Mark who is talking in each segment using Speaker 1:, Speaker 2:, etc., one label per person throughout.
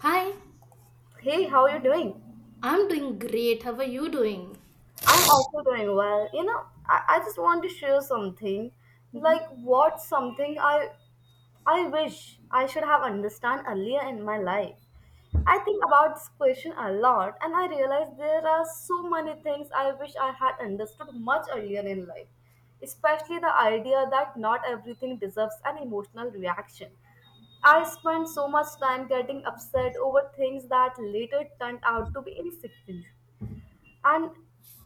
Speaker 1: Hi,
Speaker 2: Hey, how are you doing?
Speaker 1: I'm doing great. How are you doing?
Speaker 2: I'm also doing well. You know, I just want to share something.
Speaker 1: Mhm.
Speaker 2: Like what something I wish I should have understand earlier in my life. I think about this question a lot and I realize there are so many things I wish I had understood much earlier in life. Especially the idea that not everything deserves an emotional reaction. I spent so much time getting upset over things that later turned out to be insignificant. And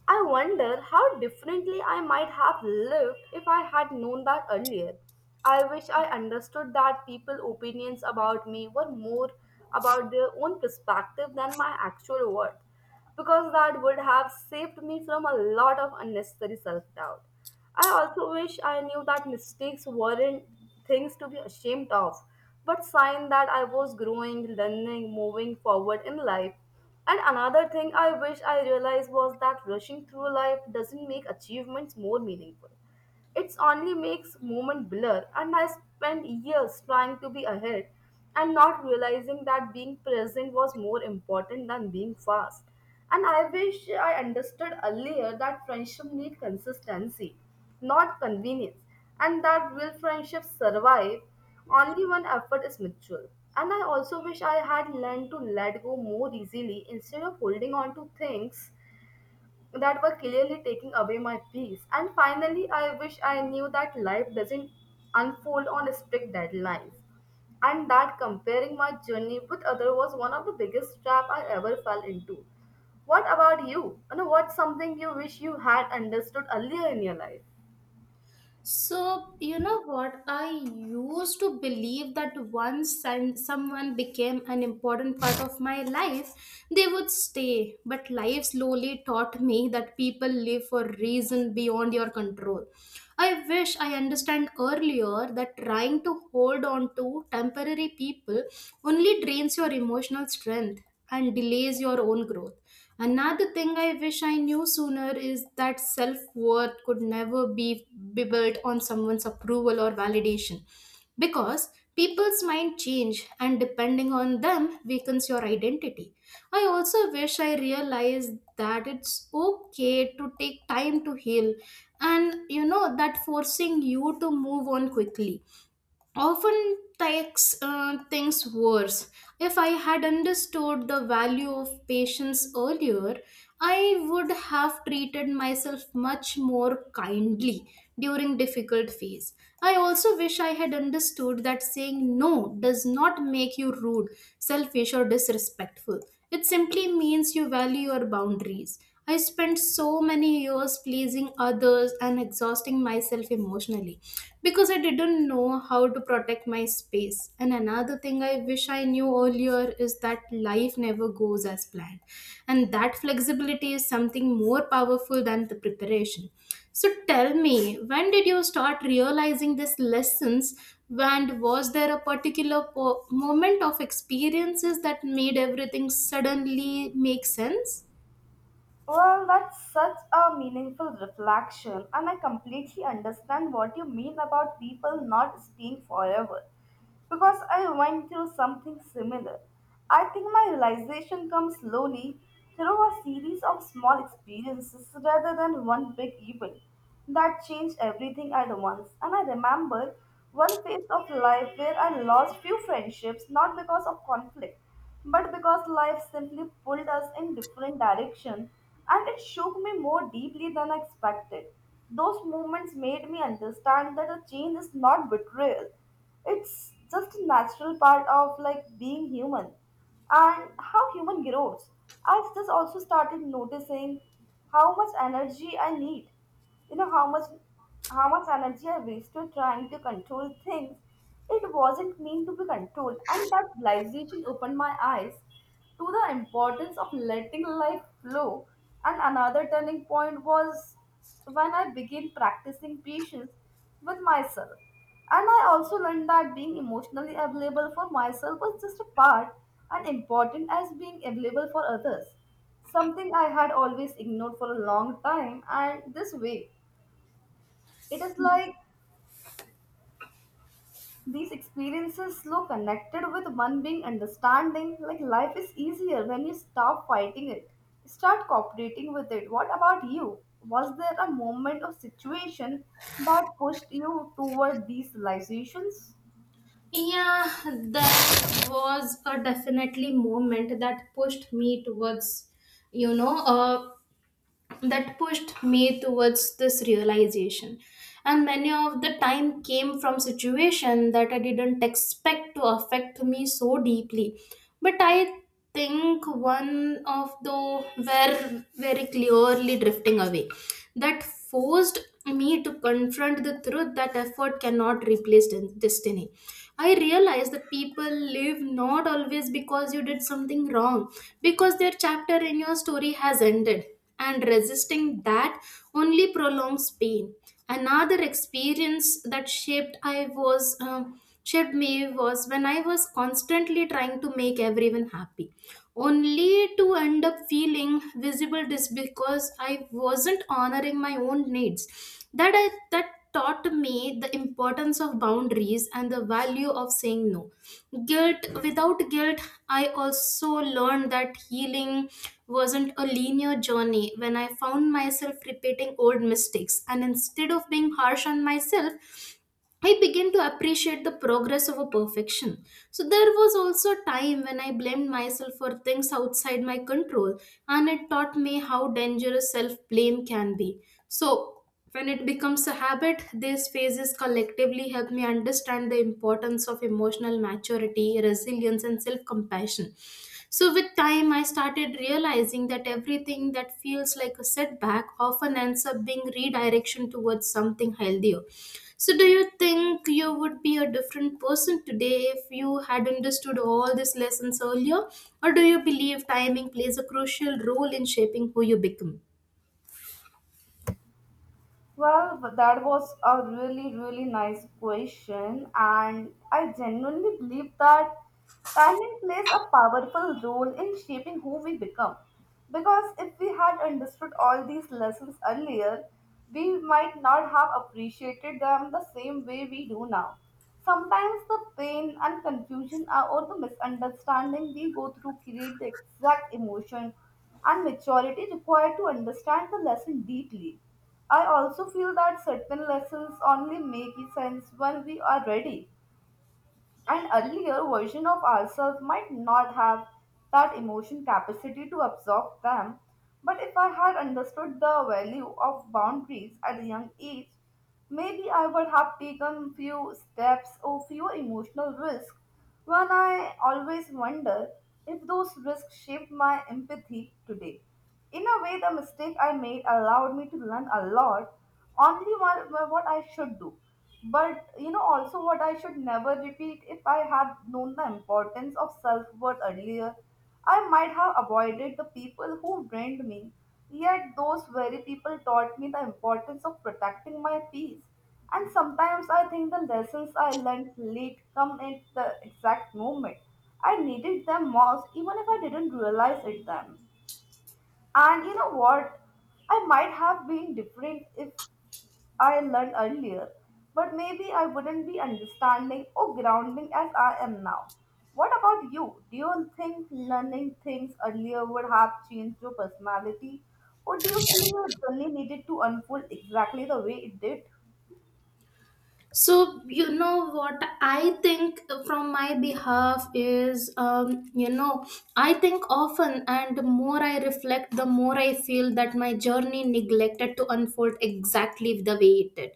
Speaker 2: I wonder how differently I might have lived if I had known that earlier. I wish I understood that people's opinions about me were more about their own perspective than my actual worth, because that would have saved me from a lot of unnecessary self doubt. I also wish I knew that mistakes weren't things to be ashamed of, but sign that I was growing, learning, moving forward in life. And another thing I wish I realized was that rushing through life doesn't make achievements more meaningful. It only makes moment blur, and I spent years trying to be ahead and not realizing that being present was more important than being fast. And I wish I understood earlier that friendship need consistency, not convenience, and that real friendships survive only when effort is mutual. And I also wish I had learned to let go more easily instead of holding on to things that were clearly taking away my peace. And finally, I wish I knew that life doesn't unfold on strict deadlines. And that comparing my journey with others was one of the biggest trap I ever fell into. What about you? You know, what's something you wish you had understood earlier in your life?
Speaker 1: So, you know what? I used to believe that once someone became an important part of my life, they would stay. But life slowly taught me that people live for reason beyond your control. I wish I understand earlier that trying to hold on to temporary people only drains your emotional strength and delays your own growth. Another thing I wish I knew sooner is that self worth could never be, be built on someone's approval or validation because people's mind change and depending on them weakens your identity. I also wish I realized that it's okay to take time to heal and you know that forcing you to move on quickly often takes things worse. If I had understood the value of patience earlier, I would have treated myself much more kindly during difficult phase. I also wish I had understood that saying no does not make you rude, selfish or disrespectful. It simply means you value your boundaries. I spent so many years pleasing others and exhausting myself emotionally because I didn't know how to protect my space. And another thing I wish I knew earlier is that life never goes as planned, and that flexibility is something more powerful than the preparation. So tell me, when did you start realizing these lessons? And was there a particular moment of experiences that made everything suddenly make sense?
Speaker 2: Well, that's such a meaningful reflection, and I completely understand what you mean about people not staying forever, because I went through something similar. I think my realization comes slowly through a series of small experiences rather than one big event that changed everything at once. And I remember one phase of life where I lost few friendships, not because of conflict, but because life simply pulled us in different directions, and it shook me more deeply than I expected. Those moments made me understand that a change is not betrayal. It's just a natural part of like being human and how human grows. I've just also started noticing how much energy I need. You know, how much energy I wasted trying to control things. It wasn't meant to be controlled, and that realization opened my eyes to the importance of letting life flow. And another turning point was when I began practicing patience with myself. And I also learned that being emotionally available for myself was just a part and important as being available for others. Something I had always ignored for a long time, and this way, it is like these experiences slow connected with one being understanding, like life is easier when you stop fighting it. Start cooperating with it. What about you? Was there a moment or situation that pushed you toward these realizations?
Speaker 1: Yeah, that was a definitely moment that pushed me towards, you know, uh, that pushed me towards this realization, and many of the time came from situation that I didn't expect to affect me so deeply, but I think one of the were very clearly drifting away that forced me to confront the truth that effort cannot replace destiny. I realized that people live not always because you did something wrong, because their chapter in your story has ended, and resisting that only prolongs pain. Another experience that shaped I was shaped me was when I was constantly trying to make everyone happy, only to end up feeling visible this because I wasn't honoring my own needs. That taught me the importance of boundaries and the value of saying no guilt without guilt. I also learned that healing wasn't a linear journey when I found myself repeating old mistakes. And instead of being harsh on myself, I began to appreciate the progress over perfection. So there was also a time when I blamed myself for things outside my control, and it taught me how dangerous self blame can be. So when it becomes a habit, these phases collectively help me understand the importance of emotional maturity, resilience, and self compassion. So, with time, I started realizing that everything that feels like a setback often ends up being redirection towards something healthier. So, do you think you would be a different person today if you had understood all these lessons earlier? Or do you believe timing plays a crucial role in shaping who you become?
Speaker 2: Well, but that was a really, really nice question, and I genuinely believe that timing plays a powerful role in shaping who we become. Because if we had understood all these lessons earlier, we might not have appreciated them the same way we do now. Sometimes the pain and confusion, or the misunderstanding we go through create the exact emotion and maturity required to understand the lesson deeply. I also feel that certain lessons only make sense when we are ready. An earlier version of ourselves might not have that emotion capacity to absorb them, but if I had understood the value of boundaries at a young age, maybe I would have taken few steps or fewer emotional risks. When I always wonder if those risks shaped my empathy today. In a way, the mistake I made allowed me to learn a lot, only one, what I should do, but you know, also what I should never repeat. If I had known the importance of self worth earlier, I might have avoided the people who drained me. Yet, those very people taught me the importance of protecting my peace. And sometimes I think the lessons I learned late come at the exact moment I needed them most, even if I didn't realize it then. And you know what? I might have been different if I learned earlier, but maybe I wouldn't be understanding or grounding as I am now. What about you? Do you think learning things earlier would have changed your personality, or do you feel your journey needed to unfold exactly the way it did?
Speaker 1: So, you know what I think from my behalf is, you know, I think often, and the more I reflect, the more I feel that my journey neglected to unfold exactly the way it did.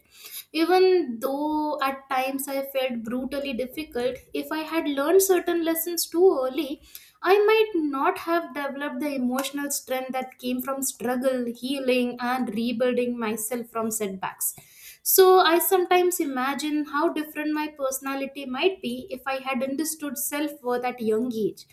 Speaker 1: Even though at times I felt brutally difficult, if I had learned certain lessons too early, I might not have developed the emotional strength that came from struggle, healing, and rebuilding myself from setbacks. So I sometimes imagine how different my personality might be if I had understood self worth at a young age.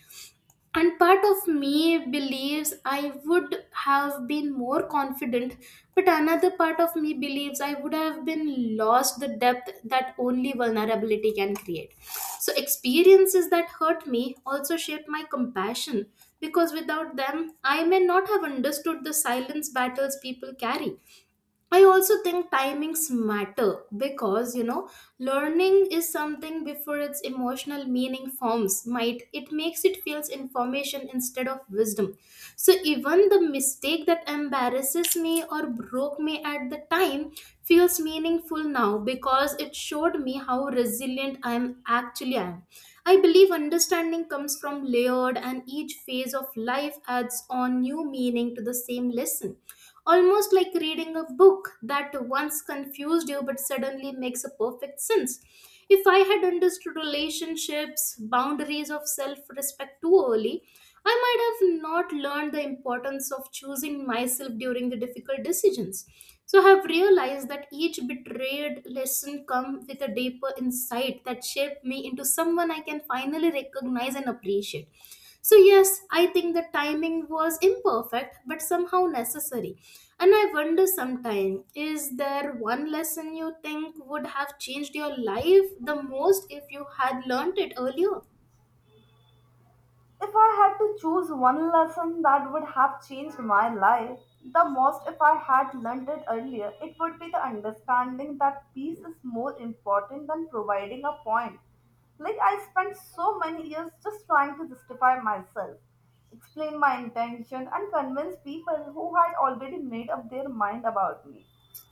Speaker 1: And part of me believes I would have been more confident, but another part of me believes I would have been lost the depth that only vulnerability can create. So, experiences that hurt me also shape my compassion because without them, I may not have understood the silence battles people carry. I also think timings matter because you know learning is something before its emotional meaning forms might it makes it feels information instead of wisdom, so even the mistake that embarrasses me or broke me at the time feels meaningful now because it showed me how resilient I am. I believe understanding comes from layered, and each phase of life adds on new meaning to the same lesson, almost like reading a book that once confused you but suddenly makes a perfect sense. If I had understood relationships, boundaries of self respect too early, I might have not learned the importance of choosing myself during the difficult decisions. So I have realized that each betrayed lesson comes with a deeper insight that shaped me into someone I can finally recognize and appreciate. So, yes, I think the timing was imperfect but somehow necessary. And I wonder sometimes, is there one lesson you think would have changed your life the most if you had learned it earlier?
Speaker 2: If I had to choose one lesson that would have changed my life the most if I had learned it earlier, it would be the understanding that peace is more important than providing a point. Like, I spent so many years just trying to justify myself, explain my intention, and convince people who had already made up their mind about me.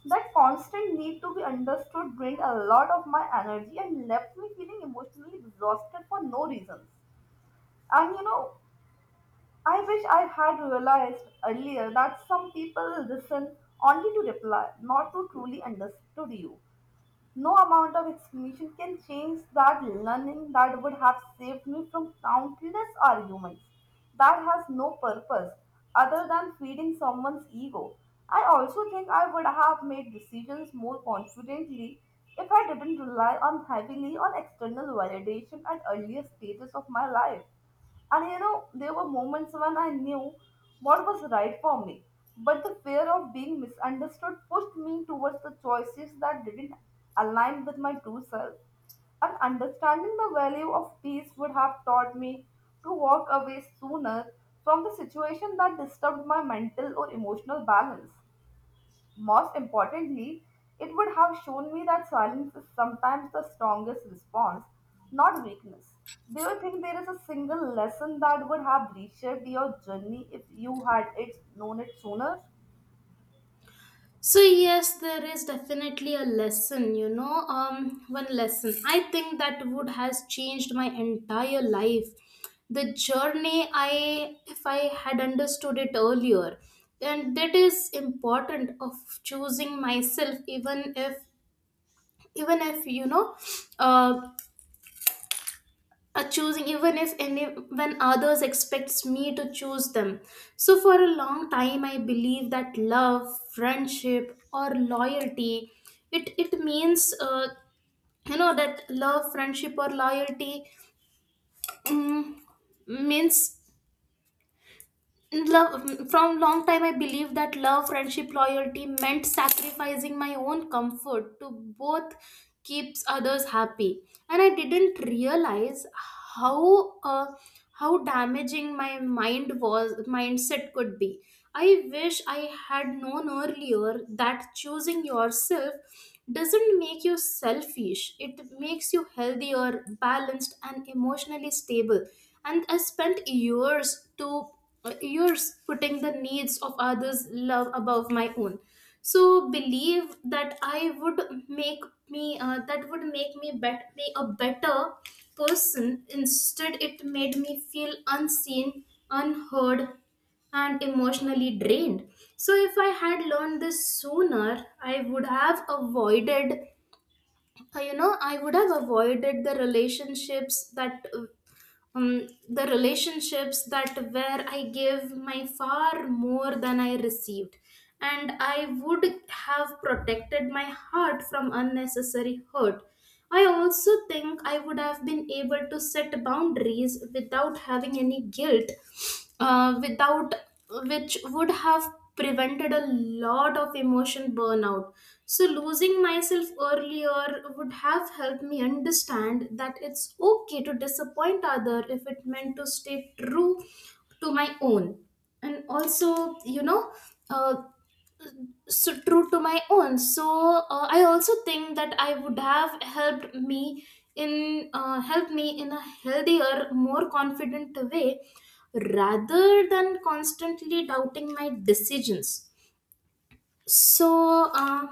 Speaker 2: That constant need to be understood drained a lot of my energy and left me feeling emotionally exhausted for no reasons. And you know, I wish I had realized earlier that some people listen only to reply, not to truly understood you. No amount of explanation can change that. Learning that would have saved me from countless arguments that has no purpose other than feeding someone's ego. I also think I would have made decisions more confidently if I didn't rely on heavily on external validation at earlier stages of my life. And you know, there were moments when I knew what was right for me, but the fear of being misunderstood pushed me towards the choices that didn't align with my true self. And understanding the value of peace would have taught me to walk away sooner from the situation that disturbed my mental or emotional balance. Most importantly, it would have shown me that silence is sometimes the strongest response, not weakness. Do you think there is a single lesson that would have reshaped your journey if you had it known it sooner?
Speaker 1: So yes, there is definitely a lesson, one lesson I think that would has changed my entire life. The journey I, if I had understood it earlier, and that is important of choosing myself, even if you know, uh, a choosing even if any when others expects me to choose them. So for a long time I believe that love friendship or loyalty it it means you know that love friendship or loyalty mm, means love from long time I believe that love friendship loyalty meant sacrificing my own comfort to both keeps others happy. And I didn't realize how uh, how damaging my mind was mindset could be. I wish I had known earlier that choosing yourself doesn't make you selfish, it makes you healthier balanced and emotionally stable. And I spent years to uh, are putting the needs of others love above my own. So believe that I would make me that would make me a better person. Instead it made me feel unseen, unheard and emotionally drained. So if I had learned this sooner, I would have avoided the relationships that where I give my far more than I received. And I would have protected my heart from unnecessary hurt. I also think I would have been able to set boundaries without having any guilt without which would have prevented a lot of emotion burnout. So, losing myself earlier would have helped me understand that it's okay to disappoint other if it meant to stay true to my own. And also, you know, uh, so true to my own so I also think that I would have helped me in a healthier more confident way rather than constantly doubting my decisions. so, uh,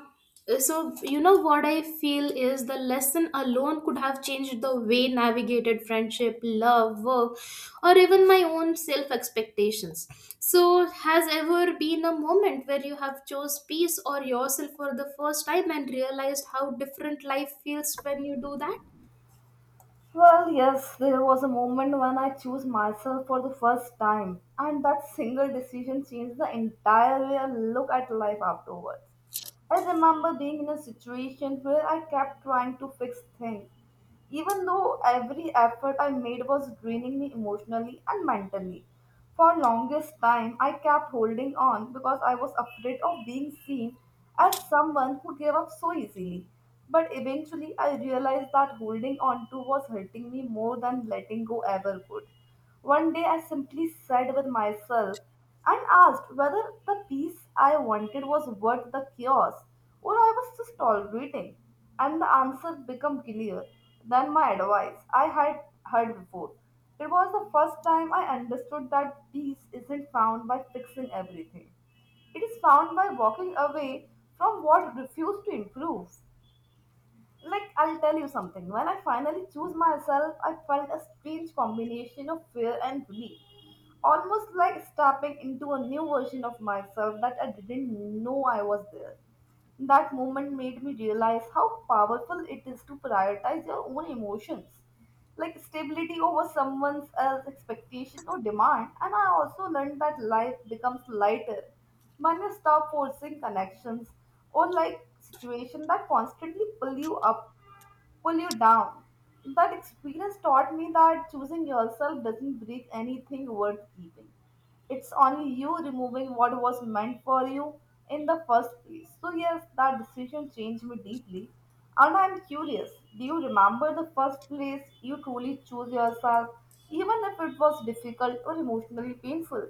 Speaker 1: so you know what I feel is the lesson alone could have changed the way navigated friendship, love, work, or even my own self expectations. So, has ever been a moment where you have chose peace or yourself for the first time and realized how different life feels when you do that?
Speaker 2: Well, yes, there was a moment when I chose myself for the first time, and that single decision changed the entire way I look at life afterwards. I remember being in a situation where I kept trying to fix things, even though every effort I made was draining me emotionally and mentally. For longest time, I kept holding on because I was afraid of being seen as someone who gave up so easily. But eventually, I realized that holding on to was hurting me more than letting go ever would. One day, I simply said with myself and asked whether the peace I wanted was worth the chaos or I was just tolerating. And the answer became clearer than my advice I had heard before. It was the first time I understood that peace isn't found by fixing everything. It is found by walking away from what refused to improve. Like, I'll tell you something. When I finally chose myself, I felt a strange combination of fear and relief. Almost like stepping into a new version of myself that I didn't know I was there. That moment made me realize how powerful it is to prioritize your own emotions like stability over someone else's expectation or demand. And I also learned that life becomes lighter when you stop forcing connections or like situation that constantly pull you down. That experience taught me that choosing yourself doesn't break anything worth keeping. It's only you removing what was meant for you in the first place. So, yes, that decision changed me deeply. And I'm curious, do you remember the first place you truly chose yourself, even if it was difficult or emotionally painful?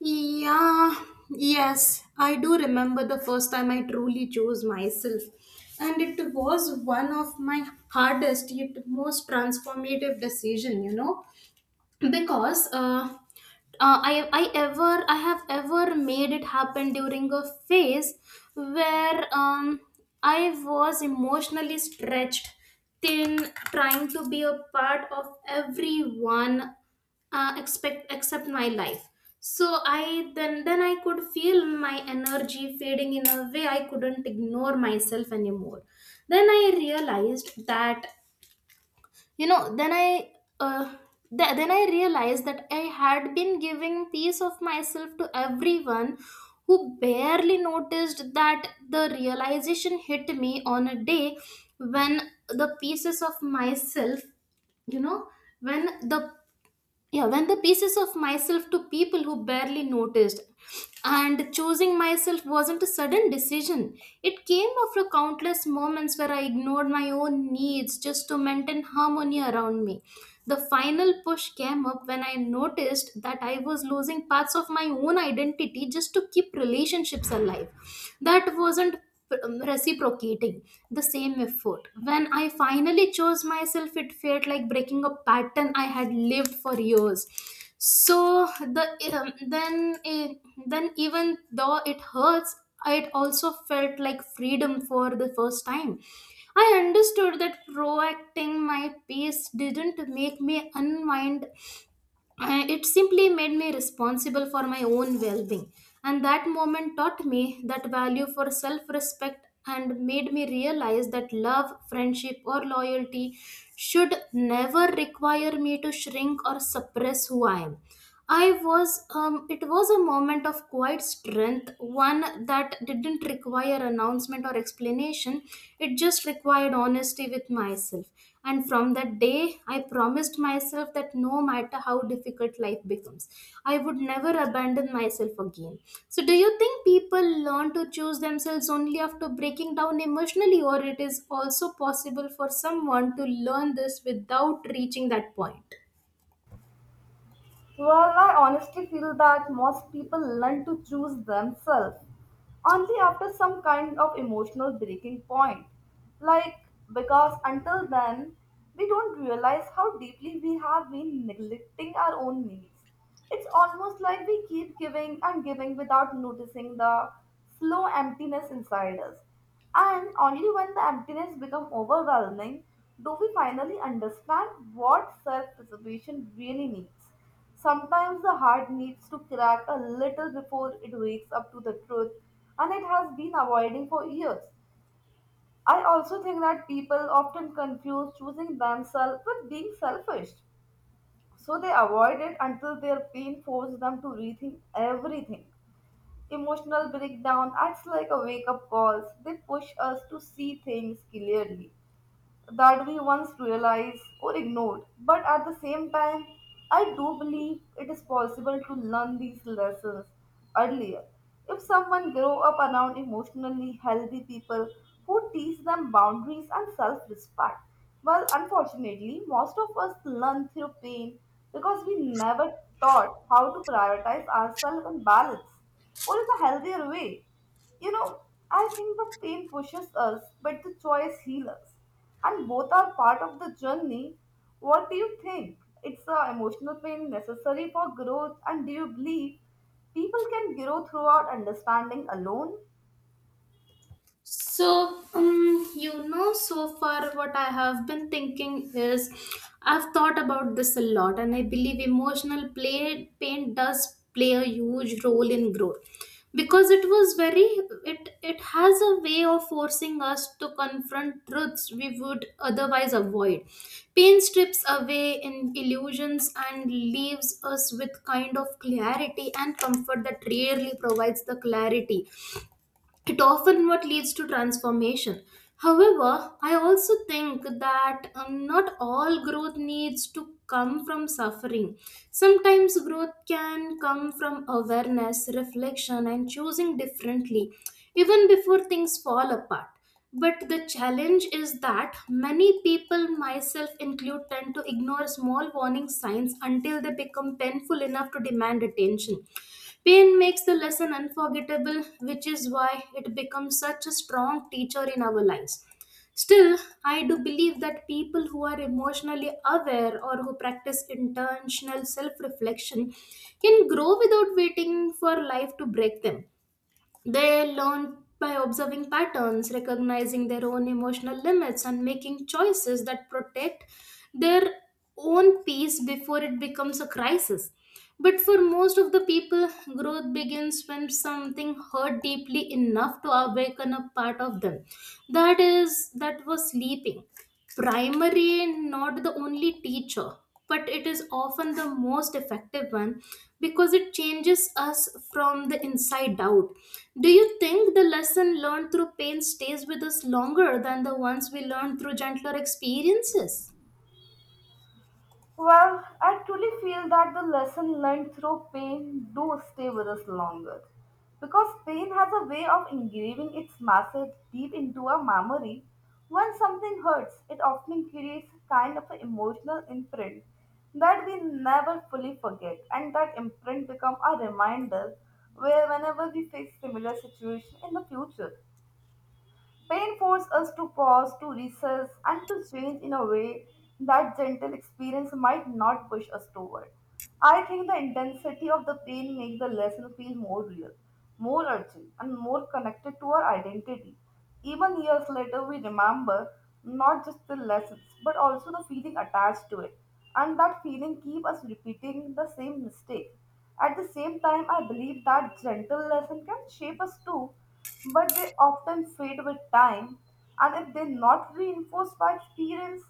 Speaker 1: Yeah, yes, I do remember the first time I truly chose myself. And it was one of my hardest yet most transformative decision, you know, because I have ever made it happen during a phase where I was emotionally stretched thin, trying to be a part of everyone expect except my life. So I then I could feel my energy fading in a way I couldn't ignore myself anymore. Then I realized that you know then I uh, th- then I realized that I had been giving piece of myself to everyone who barely noticed. That the realization hit me on a day when the pieces of myself you know when the yeah when the pieces of myself to people who barely noticed. And choosing myself wasn't a sudden decision. It came after countless moments where I ignored my own needs just to maintain harmony around me. The final push came up when I noticed that I was losing parts of my own identity just to keep relationships alive that wasn't reciprocating the same effort. When I finally chose myself, it felt like breaking a pattern I had lived for years. So then even though it hurts, it also felt like freedom for the first time. I understood that proacting my pace didn't make me unwind, I- it simply made me responsible for my own well being. And that moment taught me that value for self respect and made me realize that love, friendship, or loyalty should never require me to shrink or suppress who I am. It was a moment of quiet strength, one that didn't require announcement or explanation. It just required honesty with myself. And from that day, I promised myself that no matter how difficult life becomes, I would never abandon myself again. So, do you think people learn to choose themselves only after breaking down emotionally, or it is also possible for someone to learn this without reaching that point?
Speaker 2: Well, I honestly feel that most people learn to choose themselves only after some kind of emotional breaking point. Like, because until then, we don't realize how deeply we have been neglecting our own needs. It's almost like we keep giving and giving without noticing the slow emptiness inside us. And only when the emptiness becomes overwhelming do we finally understand what self preservation really means. Sometimes the heart needs to crack a little before it wakes up to the truth, and it has been avoiding for years. I also think that people often confuse choosing themselves with being selfish. So they avoid it until their pain forces them to rethink everything. Emotional breakdown acts like a wake up call. They push us to see things clearly that we once realized or ignored. But at the same time, I do believe it is possible to learn these lessons earlier. If someone grow up around emotionally healthy people who teach them boundaries and self-respect. Well, unfortunately, most of us learn through pain because we never taught how to prioritize ourselves and balance or in a healthier way. You know, I think the pain pushes us, but the choice heals us. And both are part of the journey. What do you think? It's the emotional pain necessary for growth, and do you believe people can grow throughout understanding alone?
Speaker 1: So far what I have been thinking is I've thought about this a lot, and I believe emotional play pain does play a huge role in growth because it was very it has a way of forcing us to confront truths we would otherwise avoid. Pain strips away in illusions and leaves us with kind of clarity and comfort that rarely provides the clarity. It often what leads to transformation. However, I also think that not all growth needs to come from suffering. Sometimes growth can come from awareness reflection and choosing differently, even before things fall apart. But the challenge is that many people, myself included, tend to ignore small warning signs until they become painful enough to demand attention. Pain makes the lesson unforgettable, which is why it becomes such a strong teacher in our lives. Still, I do believe that people who are emotionally aware or who practice intentional self reflection can grow without waiting for life to break them. They learn by observing patterns, recognizing their own emotional limits, and making choices that protect their own peace before it becomes a crisis. But for most of the people, growth begins when something hurt deeply enough to awaken a part of them. That is, that was sleeping, primary not the only teacher, but it is often the most effective one because it changes us from the inside out. Do you think the lesson learned through pain stays with us longer than the ones we learned through gentler experiences?
Speaker 2: Well, I truly feel that the lesson learned through pain do stay with us longer. Because pain has a way of engraving its message deep into our memory. When something hurts, it often creates a kind of an emotional imprint that we never fully forget and that imprint becomes a reminder where whenever we face similar situation in the future. Pain forces us to pause, to recess, and to change in a way that gentle experience might not push us toward. I think the intensity of the pain makes the lesson feel more real, more urgent, and more connected to our identity. Even years later, we remember not just the lessons, but also the feeling attached to it. And that feeling keeps us repeating the same mistake. At the same time, I believe that gentle lesson can shape us too but they often fade with time and if they're not reinforced by experience,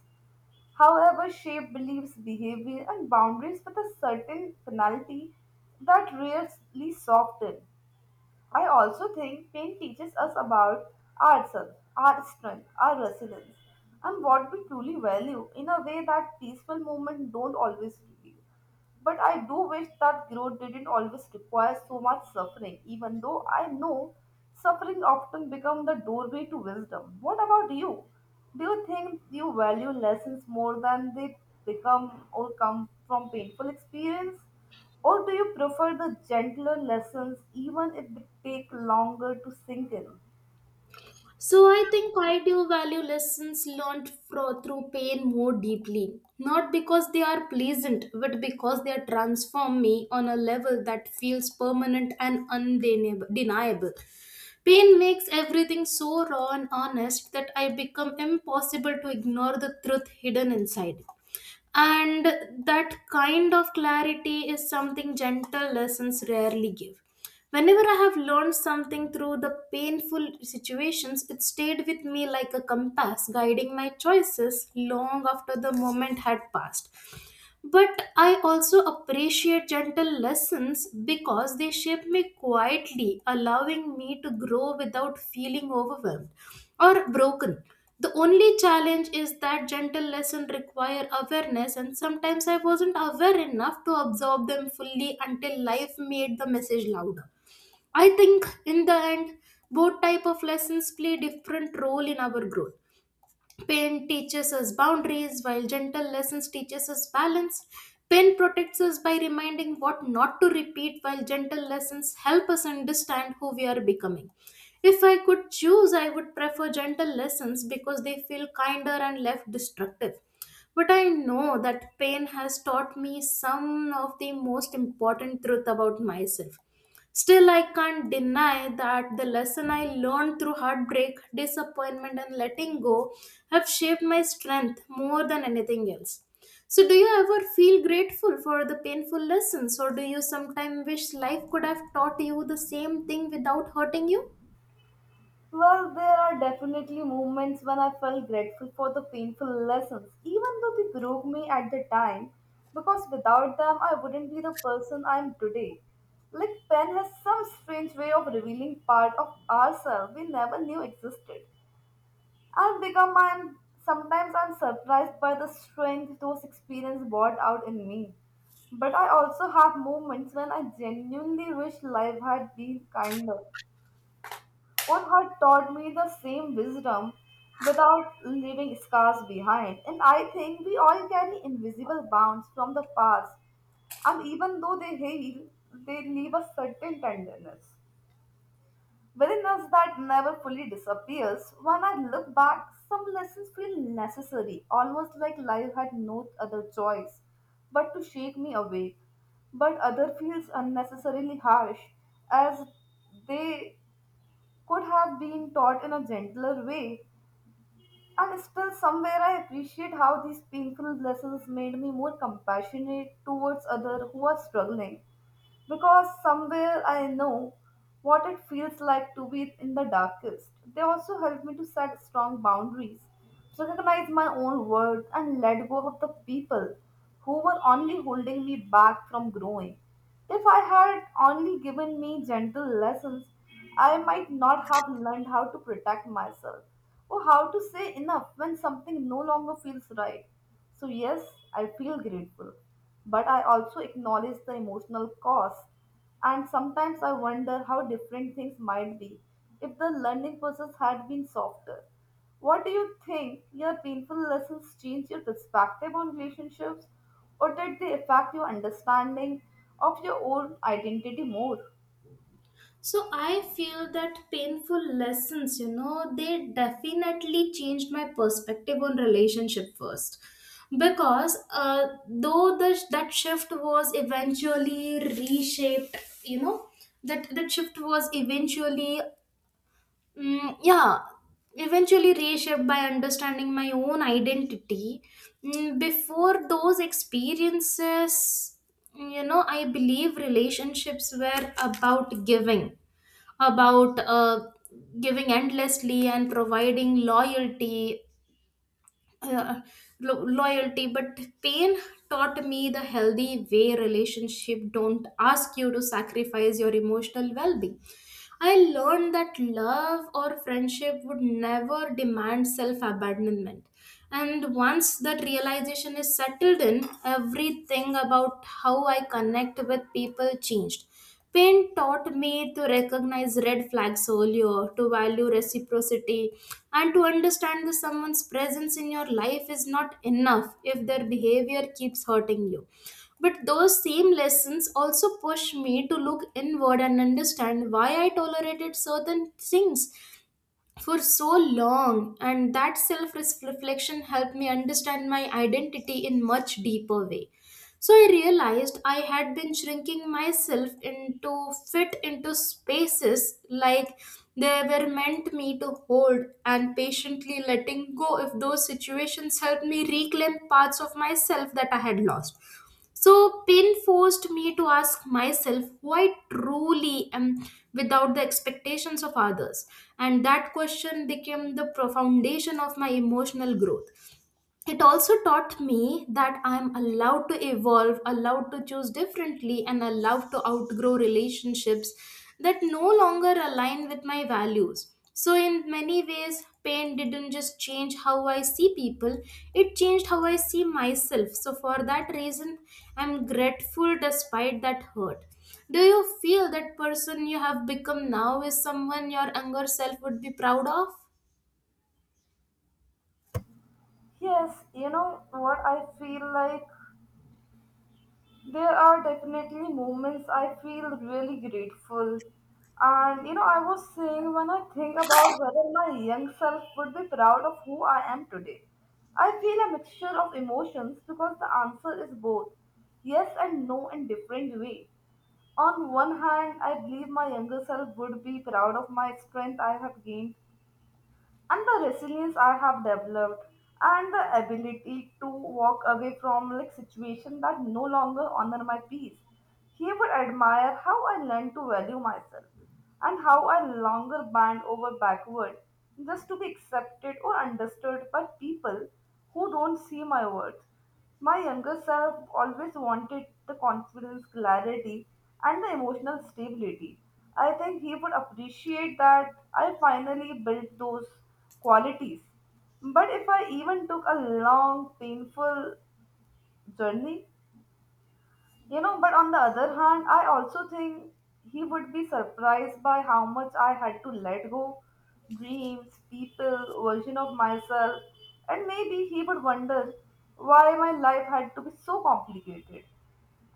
Speaker 2: however, shape beliefs, behavior, and boundaries with a certain finality that rarely soften. I also think pain teaches us about ourselves, our strength, our resilience, and what we truly value in a way that peaceful moments don't always reveal. But I do wish that growth didn't always require so much suffering, even though I know suffering often becomes the doorway to wisdom. What about you? Do you think you value lessons more than they become or come from painful experience? Or do you prefer the gentler lessons even if they take longer to sink in?
Speaker 1: So I think I do value lessons learned through pain more deeply, not because they are pleasant, but because they transform me on a level that feels permanent and undeniable. Pain makes everything so raw and honest that I become impossible to ignore the truth hidden inside it. And that kind of clarity is something gentle lessons rarely give. Whenever I have learned something through the painful situations, it stayed with me like a compass, guiding my choices long after the moment had passed. But I also appreciate gentle lessons because they shape me quietly, allowing me to grow without feeling overwhelmed or broken. The only challenge is that gentle lessons require awareness, and sometimes I wasn't aware enough to absorb them fully until life made the message louder. I think in the end, both type of lessons play different role in our growth. Pain teaches us boundaries, while gentle lessons teaches us balance. Pain protects us by reminding what not to repeat, while gentle lessons help us understand who we are becoming. If I could choose, I would prefer gentle lessons because they feel kinder and less destructive. But I know that pain has taught me some of the most important truth about myself. Still, I can't deny that the lesson I learned through heartbreak, disappointment, and letting go have shaped my strength more than anything else. So, do you ever feel grateful for the painful lessons, or do you sometimes wish life could have taught you the same thing without hurting you?
Speaker 2: Well, there are definitely moments when I felt grateful for the painful lessons, even though they broke me at the time, because without them I wouldn't be the person I am today. Like, pen has some strange way of revealing part of ourselves we never knew existed. I've become I'm sometimes I'm surprised by the strength those experiences brought out in me. But I also have moments when I genuinely wish life had been kinder or had taught me the same wisdom without leaving scars behind. And I think we all carry invisible bounds from the past, and even though they heal, they leave a certain tenderness within us that never fully disappears. When I look back, some lessons feel necessary, almost like life had no other choice but to shake me awake. But other feels unnecessarily harsh, as they could have been taught in a gentler way. And still, somewhere, I appreciate how these painful lessons made me more compassionate towards others who are struggling because somewhere I know what it feels like to be in the darkest. They also help me to set strong boundaries, recognize my own worth, and let go of the people who were only holding me back from growing. If I had only given me gentle lessons, I might not have learned how to protect myself or how to say enough when something no longer feels right. So, yes, I feel grateful, but I also acknowledge the emotional cost. And sometimes I wonder how different things might be if the learning process had been softer. What do you think? Your painful lessons change your perspective on relationships, or did they affect your understanding of your own identity more?
Speaker 1: So I feel that painful lessons, they definitely changed my perspective on relationship first. Because that shift was eventually reshaped, you know, that shift was eventually, mm, yeah, eventually reshaped by understanding my own identity. Before those experiences, I believe relationships were about giving, about giving endlessly and providing loyalty, uh, loyalty, but pain taught me the healthy way relationship don't ask you to sacrifice your emotional well-being. I learned that love or friendship would never demand self abandonment. And once that realization is settled in, everything about how I connect with people changed. Pain taught me to recognize red flags earlier, to value reciprocity, and to understand that someone's presence in your life is not enough if their behavior keeps hurting you. But those same lessons also push me to look inward and understand why I tolerated certain things for so long. And that self reflection helped me understand my identity in much deeper way. So I realized I had been shrinking myself into fit into spaces like they were meant me to hold, and patiently letting go if those situations helped me reclaim parts of myself that I had lost. So, Pin forced me to ask myself who I truly am without the expectations of others. And that question became the foundation of my emotional growth. It also taught me that I'm allowed to evolve, allowed to choose differently, and allowed to outgrow relationships that no longer align with my values. So, in many ways, pain didn't just change how I see people, it changed how I see myself. So, for that reason, I'm grateful despite that hurt. Do you feel that person you have become now is someone your younger self would be proud of?
Speaker 2: Yes, you know what I feel like? There are definitely moments I feel really grateful. And you know, I was saying when I think about whether my young self would be proud of who I am today, I feel a mixture of emotions because the answer is both yes and no in different way. On one hand, I believe my younger self would be proud of my strength I have gained and the resilience I have developed and the ability to walk away from like situation that no longer honor my peace. He would admire how I learned to value myself and how I longer bend over backward just to be accepted or understood by people who don't see my worth. My younger self always wanted the confidence, clarity, and the emotional stability. I think he would appreciate that I finally built those qualities. But if I even took a long, painful journey, but on the other hand, I also think he would be surprised by how much I had to let go dreams, people, version of myself, and maybe he would wonder why my life had to be so complicated.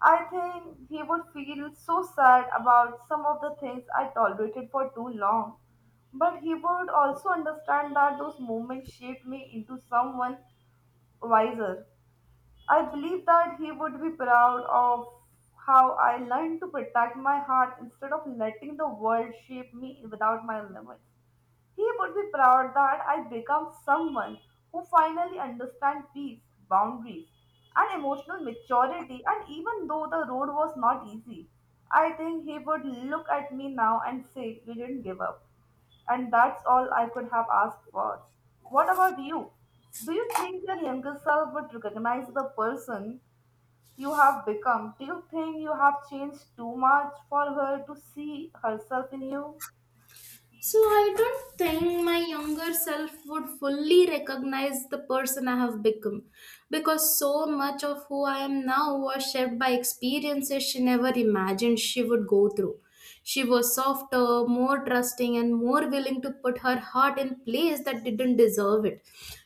Speaker 2: I think he would feel so sad about some of the things I tolerated for too long, but he would also understand that those moments shaped me into someone wiser. I believe that he would be proud of how I learned to protect my heart instead of letting the world shape me without my limits. He would be proud that I become someone who finally understands peace, boundaries, and emotional maturity. And even though the road was not easy, I think he would look at me now and say, "You didn't give up. And that's all I could have asked for." What about you? Do you think your younger self would recognize the person you have become? Do you think you have changed too much for her to see herself in you?
Speaker 1: So I don't think my younger self would fully recognize the person I have become because so much of who I am now was shaped by experiences she never imagined she would go through. She was softer, more trusting, and more willing to put her heart in place that didn't deserve it.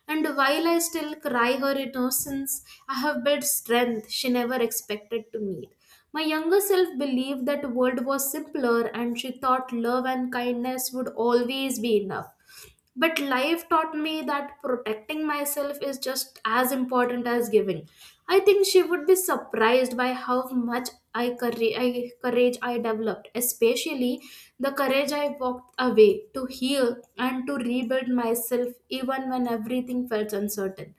Speaker 1: And while I still cry her innocence, I have built strength she never expected to need. My younger self believed that the world was simpler and she thought love and kindness would always be enough. But life taught me that protecting myself is just as important as giving. I think she would be surprised by how much courage I courage I developed, especially the courage I walked away to heal and to rebuild myself even when everything felt uncertain.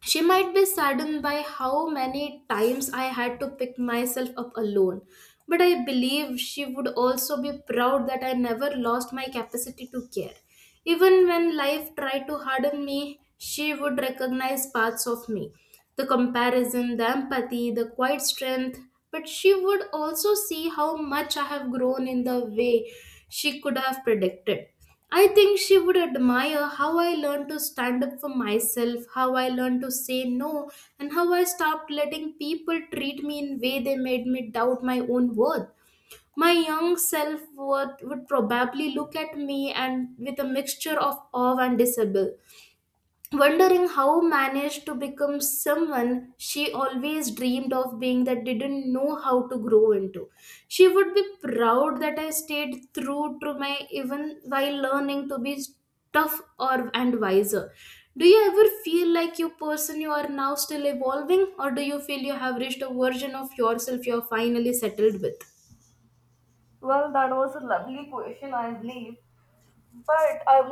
Speaker 1: She might be saddened by how many times I had to pick myself up alone, but I believe she would also be proud that I never lost my capacity to care. Even when life tried to harden me, she would recognize parts of me, the comparison, the empathy, the quiet strength. But she would also see how much I have grown in the way she could have predicted. I think she would admire how I learned to stand up for myself, how I learned to say no, and how I stopped letting people treat me in way they made me doubt my own worth. My young self would probably look at me and with a mixture of awe and disbelief, wondering how managed to become someone she always dreamed of being that didn't know how to grow into. She would be proud that I stayed true to my even while learning to be tough or and wiser. Do you ever feel like you person you are now still evolving, or do you feel you have reached a version of yourself you are finally settled with?
Speaker 2: Well, that was a lovely question, I believe. But